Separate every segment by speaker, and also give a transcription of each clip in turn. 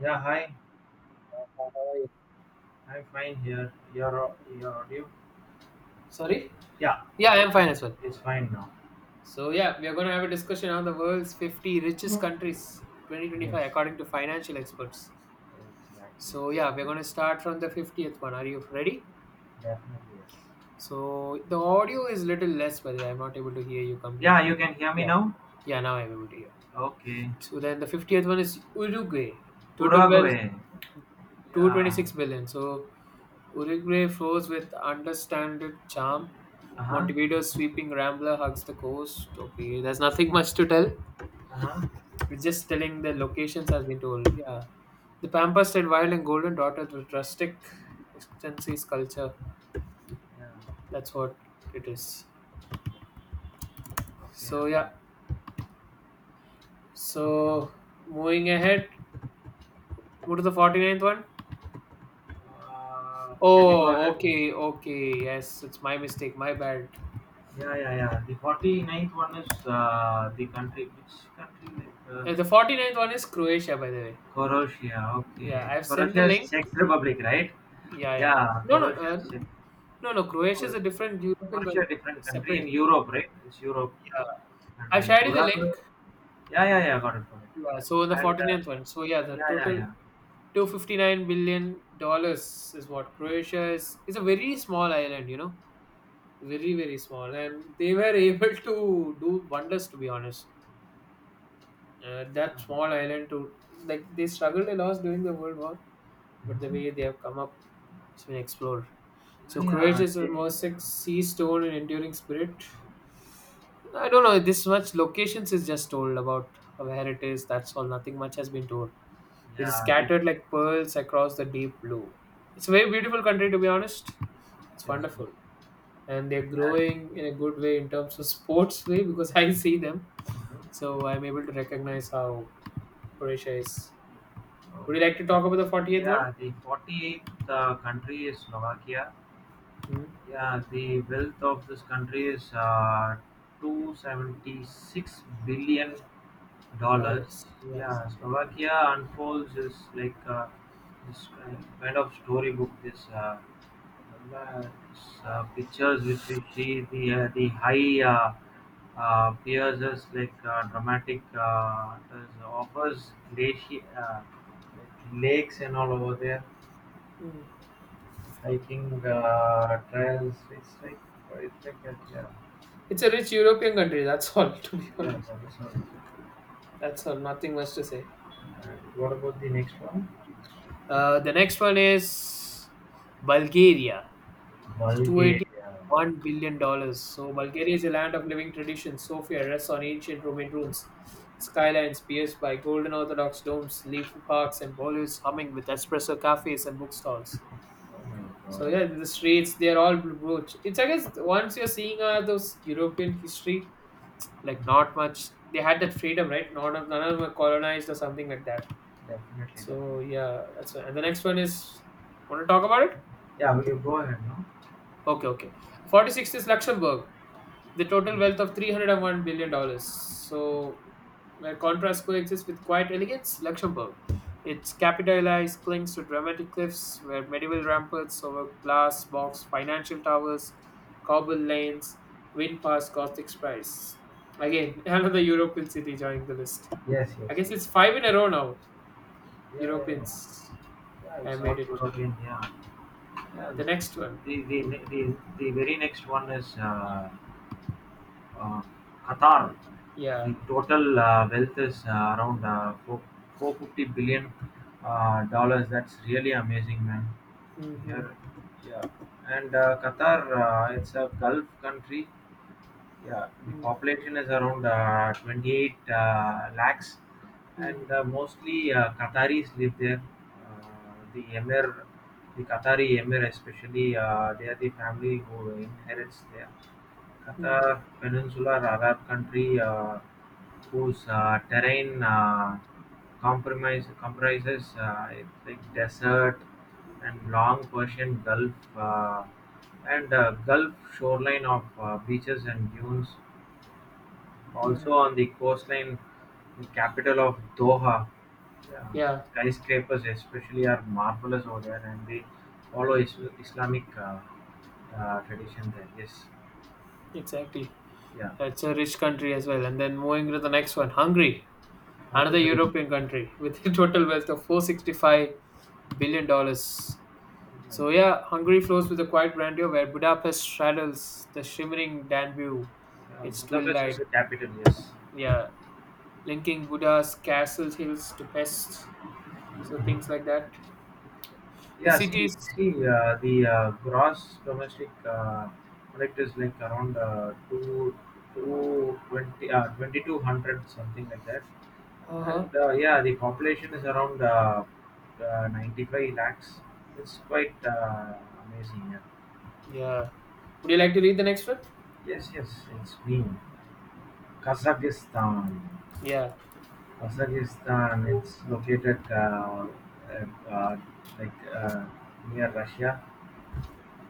Speaker 1: Yeah, hi.
Speaker 2: How are you?
Speaker 1: I'm fine here. Your audio?
Speaker 2: Sorry?
Speaker 1: Yeah,
Speaker 2: Yeah, I am fine
Speaker 1: fine.
Speaker 2: as well.
Speaker 1: It's fine now.
Speaker 2: So, yeah, we are going to have a discussion on the world's 50 richest countries
Speaker 1: Yes,
Speaker 2: 2025 according to financial experts.
Speaker 1: exactly,
Speaker 2: So, yeah, we're
Speaker 1: exactly.
Speaker 2: going to start from the 50th one. Are you ready?
Speaker 1: Definitely, yes.
Speaker 2: So, the audio is little less, by the way. I'm not able to hear you
Speaker 1: Yeah,
Speaker 2: completely.
Speaker 1: you can hear me
Speaker 2: Yeah,
Speaker 1: now.
Speaker 2: yeah, now I'm able to hear.
Speaker 1: Okay.
Speaker 2: So, then the 50th one is Uruguay. Total wealth
Speaker 1: Uruguay. Yeah.
Speaker 2: 226 billion. So, Uruguay flows with understanded charm.
Speaker 1: Uh huh.
Speaker 2: Montevideo's sweeping rambler hugs the coast. Okay, there's nothing much to tell.
Speaker 1: Uh huh.
Speaker 2: We're just telling the locations has been told. Yeah. The pampas red wild and golden dotted with rustic extensive culture.
Speaker 1: Yeah.
Speaker 2: That's what it is.
Speaker 1: Okay.
Speaker 2: So
Speaker 1: Okay.
Speaker 2: yeah.
Speaker 1: Okay.
Speaker 2: So moving ahead. Move to the 49th one.
Speaker 1: Can you go
Speaker 2: Oh,
Speaker 1: ahead?
Speaker 2: okay, okay. Yes, it's my mistake. My bad.
Speaker 1: Yeah, yeah, yeah. The 49th one is the country. Which country? Like
Speaker 2: The 49th one is Croatia, by the way.
Speaker 1: Croatia.
Speaker 2: Yeah,
Speaker 1: Okay.
Speaker 2: I've sent the
Speaker 1: Croatia is
Speaker 2: link.
Speaker 1: Czech Republic, right?
Speaker 2: Yeah, yeah.
Speaker 1: Yeah.
Speaker 2: No, no,
Speaker 1: Croatia is Czech.
Speaker 2: no, no. Croatia
Speaker 1: Oh,
Speaker 2: is a different European
Speaker 1: for
Speaker 2: country,
Speaker 1: sure, different country in
Speaker 2: separate.
Speaker 1: Europe, right? It's Europe
Speaker 2: Yeah,
Speaker 1: country.
Speaker 2: I've shared you the
Speaker 1: Uruguay.
Speaker 2: link.
Speaker 1: Yeah, yeah, yeah, got it, got
Speaker 2: Yeah, so the
Speaker 1: it. And
Speaker 2: 49th one. So yeah, the
Speaker 1: yeah, yeah,
Speaker 2: total
Speaker 1: yeah,
Speaker 2: $259 billion is what Croatia is. It's a very small island, very very small, and they were able to do wonders. To be honest, that
Speaker 1: yeah.
Speaker 2: small island to like they struggled a lot during the World War, but the
Speaker 1: Mhm.
Speaker 2: way they have come up, it's been explored. So
Speaker 1: Yeah, yeah.
Speaker 2: Croatia is the
Speaker 1: They,
Speaker 2: most sea stone and enduring spirit. I don't know. This much locations is just told about where it is. That's all. Nothing much has been told. It is
Speaker 1: yeah, we,
Speaker 2: scattered like pearls across the deep blue. It's a very beautiful country to be honest. It's
Speaker 1: yes, yes.
Speaker 2: wonderful, and they're growing in a good way in terms of sports way because I see them,
Speaker 1: And
Speaker 2: so I'm able to recognize how Croatia is.
Speaker 1: uh,
Speaker 2: Would you like to talk about the 48th one?
Speaker 1: yeah, the 48th country is Slovakia.
Speaker 2: Hmm?
Speaker 1: Yeah, the wealth of this country is 276 billion dollars.
Speaker 2: Dollars. Yes.
Speaker 1: Yeah, Slovakia unfolds is like this kind of storybook. This, remember this, pictures which we see the the high pierces like dramatic does offers glacier like lakes and all over there,
Speaker 2: Hmm.
Speaker 1: hiking trails. It's like that. Yeah,
Speaker 2: It's a rich European country. That's all. To be
Speaker 1: yeah,
Speaker 2: honest,
Speaker 1: that is all.
Speaker 2: that's all. Nothing much to say.
Speaker 1: And what about the next one?
Speaker 2: The next one is Bulgaria. It's
Speaker 1: Bulgaria.
Speaker 2: $281 billion. So Bulgaria is a land of living tradition. Sofia rests on ancient Roman ruins, skylines pierced by golden Orthodox domes, leafy parks, and Bollywood's humming with espresso cafes and bookstalls.
Speaker 1: Oh my
Speaker 2: So
Speaker 1: God.
Speaker 2: yeah, the streets they are all brooch. It's I guess once you're seeing those European history, like not much. They had that freedom, right? Not none of them were colonized or something like that.
Speaker 1: Definitely,
Speaker 2: So
Speaker 1: definitely.
Speaker 2: yeah, that's one. And the next one is want to talk about it?
Speaker 1: Yeah, we go ahead, no?
Speaker 2: Okay, okay. 46th is Luxembourg, the total wealth of $301 billion dollars. So, where contrast coexists with quiet elegance, Luxembourg. Its capitalized clings to dramatic cliffs, where medieval ramparts over glass box, financial towers, cobble lanes, wind past Gothic spires. Again, another European city joining the list.
Speaker 1: Yes, yes,
Speaker 2: I guess
Speaker 1: yes.
Speaker 2: it's five in a row now.
Speaker 1: Yeah, yeah, yeah.
Speaker 2: Europeans,
Speaker 1: Yeah,
Speaker 2: I
Speaker 1: it's all
Speaker 2: made it.
Speaker 1: European, yeah. Yeah.
Speaker 2: The next one.
Speaker 1: The, the, the very next one is uh, Qatar.
Speaker 2: Yeah.
Speaker 1: The total wealth is around 450 billion dollars. That's really amazing, man.
Speaker 2: Hmm.
Speaker 1: Here, yeah. And Qatar, it's a Gulf country. Yeah, the population is around 28 lakhs, and mostly Qataris live there. The Emir, the Qatari Emir, especially, they are the family who inherits there.
Speaker 2: Mm,
Speaker 1: Qatar Peninsula Arab country, whose terrain comprises, I think, desert and long Persian Gulf, and Gulf shoreline of beaches and dunes. Also
Speaker 2: mm.
Speaker 1: on the coastline, the capital of Doha, uh,
Speaker 2: Yeah,
Speaker 1: skyscrapers especially are marvelous over there, and they follow Islamic tradition there. Yes.
Speaker 2: exactly.
Speaker 1: Yeah,
Speaker 2: It's a rich country as well. And then moving to the next one, Hungary, another
Speaker 1: hungry.
Speaker 2: European country with a total wealth of $465 billion. So yeah, Hungary flows with a quiet grandeur where Budapest straddles the shimmering Danube, its twin
Speaker 1: Budapest is
Speaker 2: light.
Speaker 1: the capital, yes.
Speaker 2: Yeah, linking Buddha's castle hills to Pest. So things like that. The
Speaker 1: Yeah, see,
Speaker 2: cities.
Speaker 1: see
Speaker 2: Hmm.
Speaker 1: uh, the gross domestic product is like around 220, 2200, something like that.
Speaker 2: Uh
Speaker 1: And
Speaker 2: huh.
Speaker 1: uh, yeah, the population is around 95 lakhs. It's quite amazing. Yeah.
Speaker 2: Yeah. Would you like to read the next one?
Speaker 1: Yes, yes, it's me. Kazakhstan.
Speaker 2: Yeah.
Speaker 1: Kazakhstan, it's located uh, uh, like near Russia.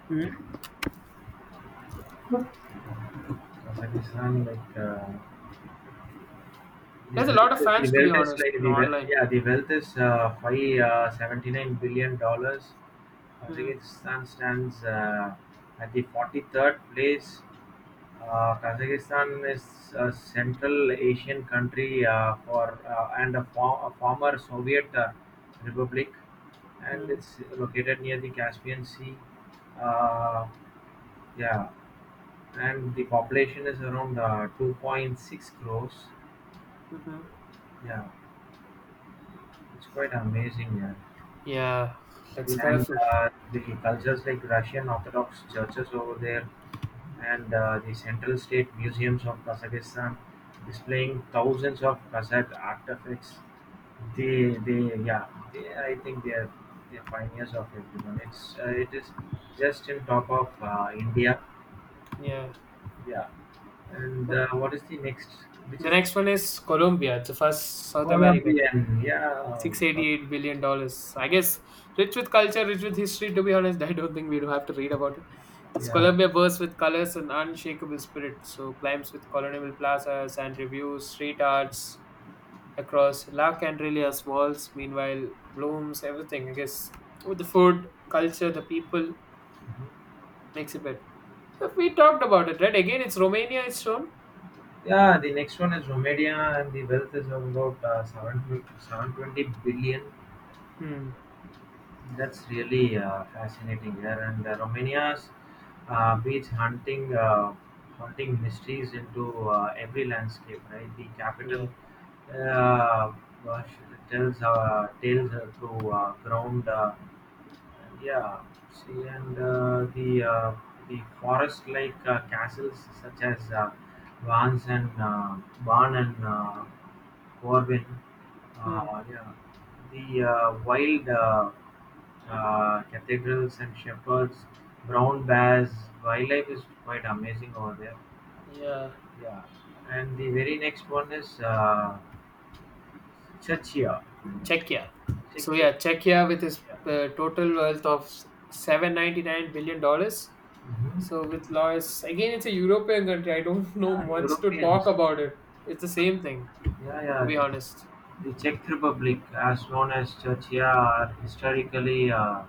Speaker 2: Hmm?
Speaker 1: Kazakhstan, like
Speaker 2: There's a lot of
Speaker 1: the
Speaker 2: fans, to be
Speaker 1: wealth is
Speaker 2: honest,
Speaker 1: like
Speaker 2: in
Speaker 1: the wealth,
Speaker 2: online.
Speaker 1: yeah, the wealth is five $79 billion.
Speaker 2: Mm,
Speaker 1: Kazakhstan stands at the 43rd place. Kazakhstan is a Central Asian country for and a, for, a former Soviet republic, and
Speaker 2: mm,
Speaker 1: it's located near the Caspian Sea. Uh, yeah, and the population is around 2.6 crores.
Speaker 2: mhm.
Speaker 1: Yeah, it's quite amazing, yeah.
Speaker 2: Yeah,
Speaker 1: the,
Speaker 2: that's
Speaker 1: And
Speaker 2: colorful.
Speaker 1: uh, the cultures like Russian Orthodox churches over there, and the Central State Museums of Kazakhstan displaying thousands of Kazakh artifacts. They, yeah, they, I think they're pioneers of everyone. It is just in top of India.
Speaker 2: Yeah.
Speaker 1: Yeah, and what is the next? Which
Speaker 2: The
Speaker 1: is
Speaker 2: next one is Colombia. It's the first South American.
Speaker 1: Colombian. Yeah, so,
Speaker 2: $688 billion dollars. I guess rich with culture, rich with history, to be honest. I don't think we do have to read about it. It's
Speaker 1: yeah.
Speaker 2: Colombia bursts with colors and unshakable spirit. So climbs with colonial plazas and reviews, street arts across La Candelia's walls. Meanwhile, blooms, everything, I guess. With the food, culture, the people, exhibit. Have we talked about it, right? Again, it's Romania, it's shown.
Speaker 1: Yeah, the next one is Romania, and the wealth is about 720 720 billion.
Speaker 2: Hmm.
Speaker 1: That's really fascinating here. And Romania's beach hunting, hunting mysteries into every landscape, right? The capital
Speaker 2: Yeah.
Speaker 1: uh, uh, tells tales through ground. And yeah, see, and the forest-like castles such as Vans and Barn and Corwin,
Speaker 2: Hmm.
Speaker 1: yeah, the wild cathedrals and shepherds, brown bears, wildlife is quite amazing over there.
Speaker 2: Yeah.
Speaker 1: Yeah, and the very next one is Czechia.
Speaker 2: Czechia. So
Speaker 1: Czechia.
Speaker 2: yeah, Czechia with his
Speaker 1: Czechia.
Speaker 2: total wealth of $799 billion. So
Speaker 1: Hmm.
Speaker 2: with Lois, again, it's a European country. I don't know
Speaker 1: Yeah,
Speaker 2: much to talk
Speaker 1: Europeans.
Speaker 2: about it. It's the same thing,
Speaker 1: Yeah,
Speaker 2: to
Speaker 1: yeah.
Speaker 2: be honest.
Speaker 1: The Czech Republic, as known as Czechia, are historically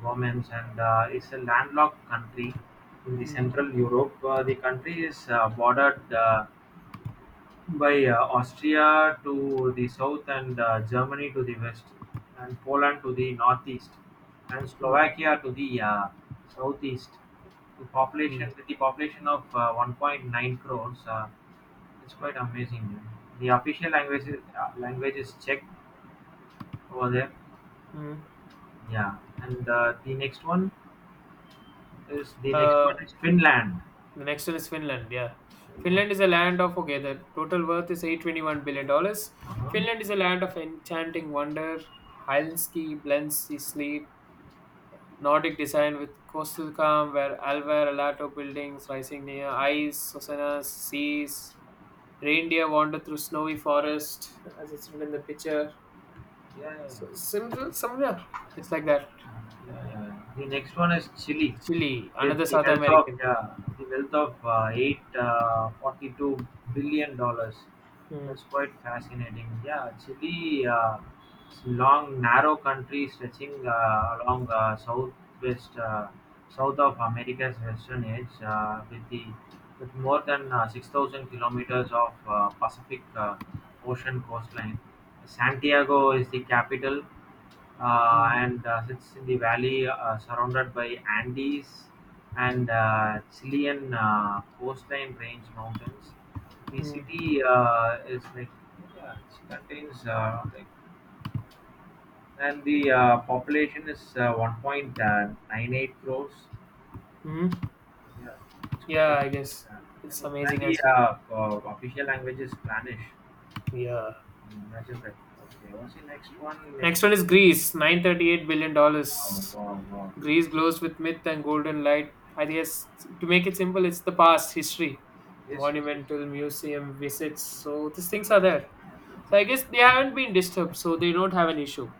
Speaker 1: Romans, and is a landlocked country in the
Speaker 2: Hmm.
Speaker 1: Central Europe. The country is bordered by Austria to the south and Germany to the west, and Poland to the northeast, and
Speaker 2: Hmm.
Speaker 1: Slovakia to the southeast. The
Speaker 2: Hmm.
Speaker 1: population, with the population of 1.9 crores. It's quite amazing. The official language is Czech over there.
Speaker 2: Hmm.
Speaker 1: Yeah, and the next one
Speaker 2: Uh,
Speaker 1: is Finland.
Speaker 2: The next one is Finland. Yeah, Finland is a land of okay. The total worth is $821 billion.
Speaker 1: Uh-huh.
Speaker 2: Finland is a land of enchanting wonder, Helsinki blends sea sleet, Nordic design with coastal calm, where Alvar Alato buildings rising near ice, Susanna seas, reindeer wander through snowy forest, as it's written in the picture.
Speaker 1: Yeah, yeah, yeah,
Speaker 2: So similar, similar, it's like that.
Speaker 1: yeah. Yeah. The next one is Chile,
Speaker 2: Chile,
Speaker 1: with
Speaker 2: another
Speaker 1: the
Speaker 2: South
Speaker 1: wealth of,
Speaker 2: American.
Speaker 1: yeah, the wealth of eight $42 billion.
Speaker 2: Hmm.
Speaker 1: That's quite fascinating. Yeah, Chile, it's a long narrow country stretching along southwest south of America's western edge, with more than 6,000 kilometers of Pacific Ocean coastline. Santiago is the capital,
Speaker 2: Hmm.
Speaker 1: and sits in the valley surrounded by Andes and Chilean coastline range mountains. The
Speaker 2: Hmm.
Speaker 1: city is like, yeah, it contains like, and the population is 1.98 crores.
Speaker 2: Hmm.
Speaker 1: Yeah, it's quite a
Speaker 2: Yeah, I guess
Speaker 1: yeah.
Speaker 2: it's
Speaker 1: and
Speaker 2: amazing
Speaker 1: the
Speaker 2: as well.
Speaker 1: uh, uh, official language is Spanish.
Speaker 2: Yeah.
Speaker 1: Imagine that. Okay, what's the next one? Next.
Speaker 2: Next one is Greece, nine thirty-eight billion
Speaker 1: Wow,
Speaker 2: dollars.
Speaker 1: wow, wow.
Speaker 2: Greece glows with myth and golden light. I guess to make it simple, it's the past history,
Speaker 1: Yes, yes,
Speaker 2: monumental museum visits. So these things are there. So I guess they haven't been disturbed, so they don't have an issue.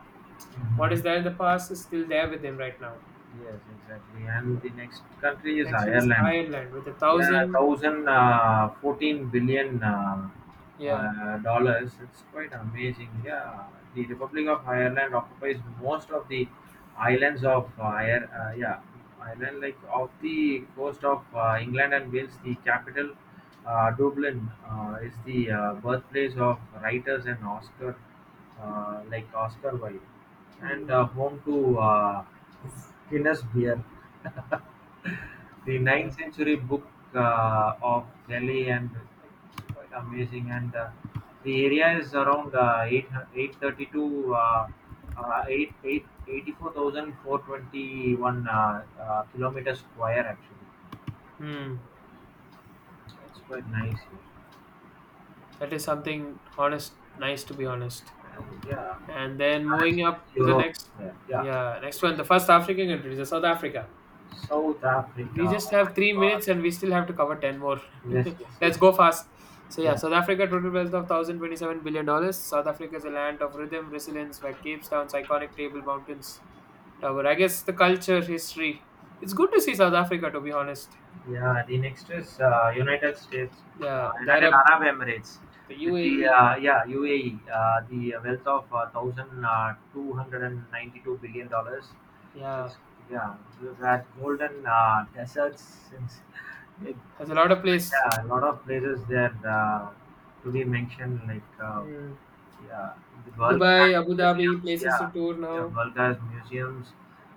Speaker 2: What is
Speaker 1: yes.
Speaker 2: there in the past is still there with them right now.
Speaker 1: Yes, exactly. And the next country is
Speaker 2: Next one is
Speaker 1: Ireland.
Speaker 2: Ireland with a
Speaker 1: Yeah,
Speaker 2: thousand.
Speaker 1: thousand 14 billion
Speaker 2: Yeah.
Speaker 1: dollars. It's quite amazing. Yeah, the Republic of Ireland occupies most of the islands of yeah, island like of the coast of England and Wales. The capital, Dublin, is the birthplace of writers and Oscar like Oscar Wilde, and
Speaker 2: Hmm.
Speaker 1: uh, home to Guinness beer. The
Speaker 2: Yeah.
Speaker 1: ninth century book of Delhi, and it's quite amazing. And the area is around 8, 832, 8, eight, eighty-four thousand four twenty one 84,421 kilometer square actually.
Speaker 2: Hmm.
Speaker 1: It's quite nice here.
Speaker 2: That is something honest, nice to be honest.
Speaker 1: And yeah,
Speaker 2: And
Speaker 1: the
Speaker 2: then
Speaker 1: currency
Speaker 2: moving
Speaker 1: is
Speaker 2: up to the
Speaker 1: euro.
Speaker 2: next,
Speaker 1: Yeah. Yeah.
Speaker 2: yeah, next one,
Speaker 1: Next,
Speaker 2: the first African country, is the South Africa.
Speaker 1: South Africa.
Speaker 2: We just
Speaker 1: Oh my
Speaker 2: have three
Speaker 1: god.
Speaker 2: minutes and we still have to cover 10 more.
Speaker 1: Yes, yes,
Speaker 2: Let's
Speaker 1: yes.
Speaker 2: go fast. So, yeah,
Speaker 1: Yeah.
Speaker 2: South Africa total wealth of $1,027 billion dollars. South Africa is a land of rhythm, resilience, where Cape Town's iconic table mountains tower. I guess the culture, history. It's good to see South Africa, to be honest.
Speaker 1: Yeah, the next is
Speaker 2: Yeah, the
Speaker 1: United
Speaker 2: Arab,
Speaker 1: Arab Emirates,
Speaker 2: the
Speaker 1: with the
Speaker 2: UAE.
Speaker 1: yeah, UAE, the wealth of one thousand two hundred ninety-two billion dollars.
Speaker 2: Yeah,
Speaker 1: That's, yeah, we've had golden deserts. Since it,
Speaker 2: has a lot of place.
Speaker 1: yeah, a lot of places there to be mentioned, like,
Speaker 2: Hmm.
Speaker 1: yeah, the world
Speaker 2: Dubai,
Speaker 1: class
Speaker 2: Abu Dhabi,
Speaker 1: museums.
Speaker 2: places to
Speaker 1: Yeah,
Speaker 2: tour
Speaker 1: yeah,
Speaker 2: now.
Speaker 1: world class museums.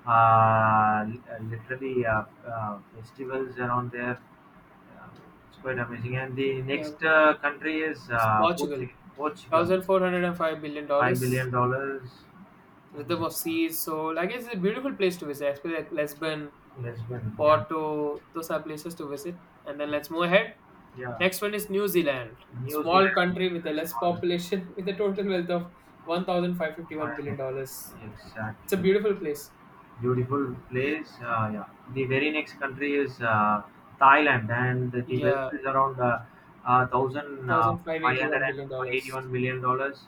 Speaker 1: Literally, festivals around there. Uh, it's quite amazing. And the
Speaker 2: Yeah,
Speaker 1: next country is
Speaker 2: Portugal,
Speaker 1: Portugal. Portugal,
Speaker 2: thousand four hundred and five billion
Speaker 1: five
Speaker 2: dollars.
Speaker 1: billion dollars. Oh my
Speaker 2: Rhythm of
Speaker 1: God,
Speaker 2: Seas. So I guess it's a beautiful place to visit, especially like Lisbon,
Speaker 1: Lisbon. Yeah,
Speaker 2: Porto. Those are places to visit. And then let's move ahead.
Speaker 1: yeah.
Speaker 2: Next one is New Zealand,
Speaker 1: New
Speaker 2: small
Speaker 1: Zealand.
Speaker 2: country with a
Speaker 1: That's
Speaker 2: less
Speaker 1: all.
Speaker 2: population, with a total wealth of one thousand five fifty one
Speaker 1: Fine.
Speaker 2: billion dollars. It's a
Speaker 1: Exactly.
Speaker 2: beautiful place.
Speaker 1: Beautiful place. Yeah. The very next country is Thailand, and the
Speaker 2: Yeah,
Speaker 1: wealth
Speaker 2: one
Speaker 1: is around thousand
Speaker 2: thousand five
Speaker 1: five
Speaker 2: eighty
Speaker 1: hundred
Speaker 2: one billion
Speaker 1: and
Speaker 2: dollars.
Speaker 1: eighty-one million dollars.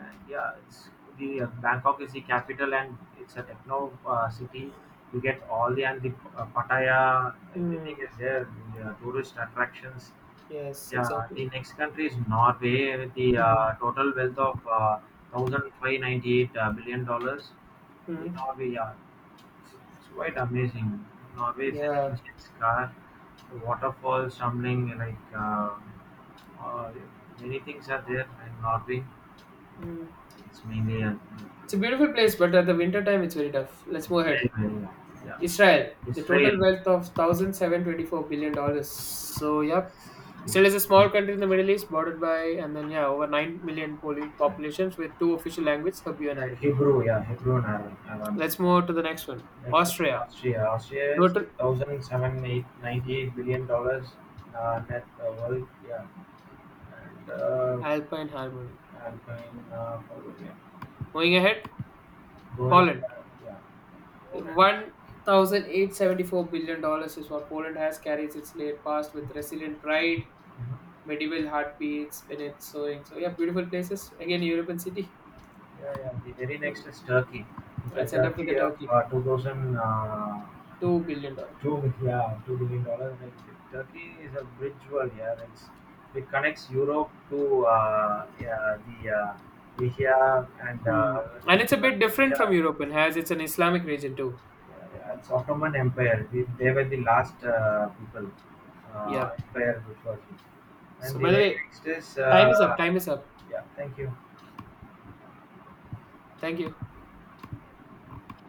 Speaker 1: And yeah, it's the Bangkok is the capital, and it's a techno city. You get all the, and the Pattaya,
Speaker 2: Hmm.
Speaker 1: everything is there. The tourist attractions.
Speaker 2: Yes,
Speaker 1: Yeah, the
Speaker 2: exactly.
Speaker 1: next country is Norway with the
Speaker 2: Hmm.
Speaker 1: total wealth of $1,598 billion. The
Speaker 2: Hmm.
Speaker 1: Norway, yeah, it's quite amazing. Norway is an
Speaker 2: Yeah.
Speaker 1: ancient scar, waterfall, stumbling like uh, many things are there in Norway.
Speaker 2: Hmm.
Speaker 1: It's mainly
Speaker 2: It's a beautiful place, but at the winter time, it's very tough. Let's move ahead.
Speaker 1: Israel. Yeah,
Speaker 2: Israel, the total
Speaker 1: Israel.
Speaker 2: wealth of $1,724 billion. So, yep,
Speaker 1: Israel.
Speaker 2: Israel is a small country in the Middle East, bordered by and then yeah, over 9 million
Speaker 1: Yeah.
Speaker 2: populations with two official languages, Hebrew and Arabic.
Speaker 1: Hebrew, yeah, Hebrew and Aram. Aram.
Speaker 2: Let's move to the next one.
Speaker 1: Next one is
Speaker 2: Austria,
Speaker 1: Austria. Austria is
Speaker 2: total
Speaker 1: thousand seven eight ninety eight billion dollars net worth. Yeah, and
Speaker 2: Alpine harmony.
Speaker 1: I'm going forward, yeah.
Speaker 2: Moving ahead,
Speaker 1: Going.
Speaker 2: Poland,
Speaker 1: Yeah. Poland.
Speaker 2: $1,874 billion is what Poland has carries its late past with resilient pride medieval heartbeats, Venice, soaring. So yeah, beautiful places. Again, European city.
Speaker 1: Yeah, yeah. The very next is Turkey. In
Speaker 2: I'll
Speaker 1: fact,
Speaker 2: send up to
Speaker 1: Turkey,
Speaker 2: the
Speaker 1: yeah,
Speaker 2: Turkey.
Speaker 1: 2002,
Speaker 2: $2 billion.
Speaker 1: yeah, $2 billion. Like, Turkey is a bridge world, yeah. It connects Europe to yeah, the Asia and
Speaker 2: Hmm. And it's a
Speaker 1: uh,
Speaker 2: bit different from
Speaker 1: yeah,
Speaker 2: European, as it's an Islamic region too.
Speaker 1: yeah, yeah, it's Ottoman Empire. They were the last people
Speaker 2: Yeah.
Speaker 1: empire which was, and
Speaker 2: So
Speaker 1: the
Speaker 2: by the
Speaker 1: very
Speaker 2: way,
Speaker 1: next is
Speaker 2: time is up. Time is up.
Speaker 1: yeah. Thank you.
Speaker 2: Thank you.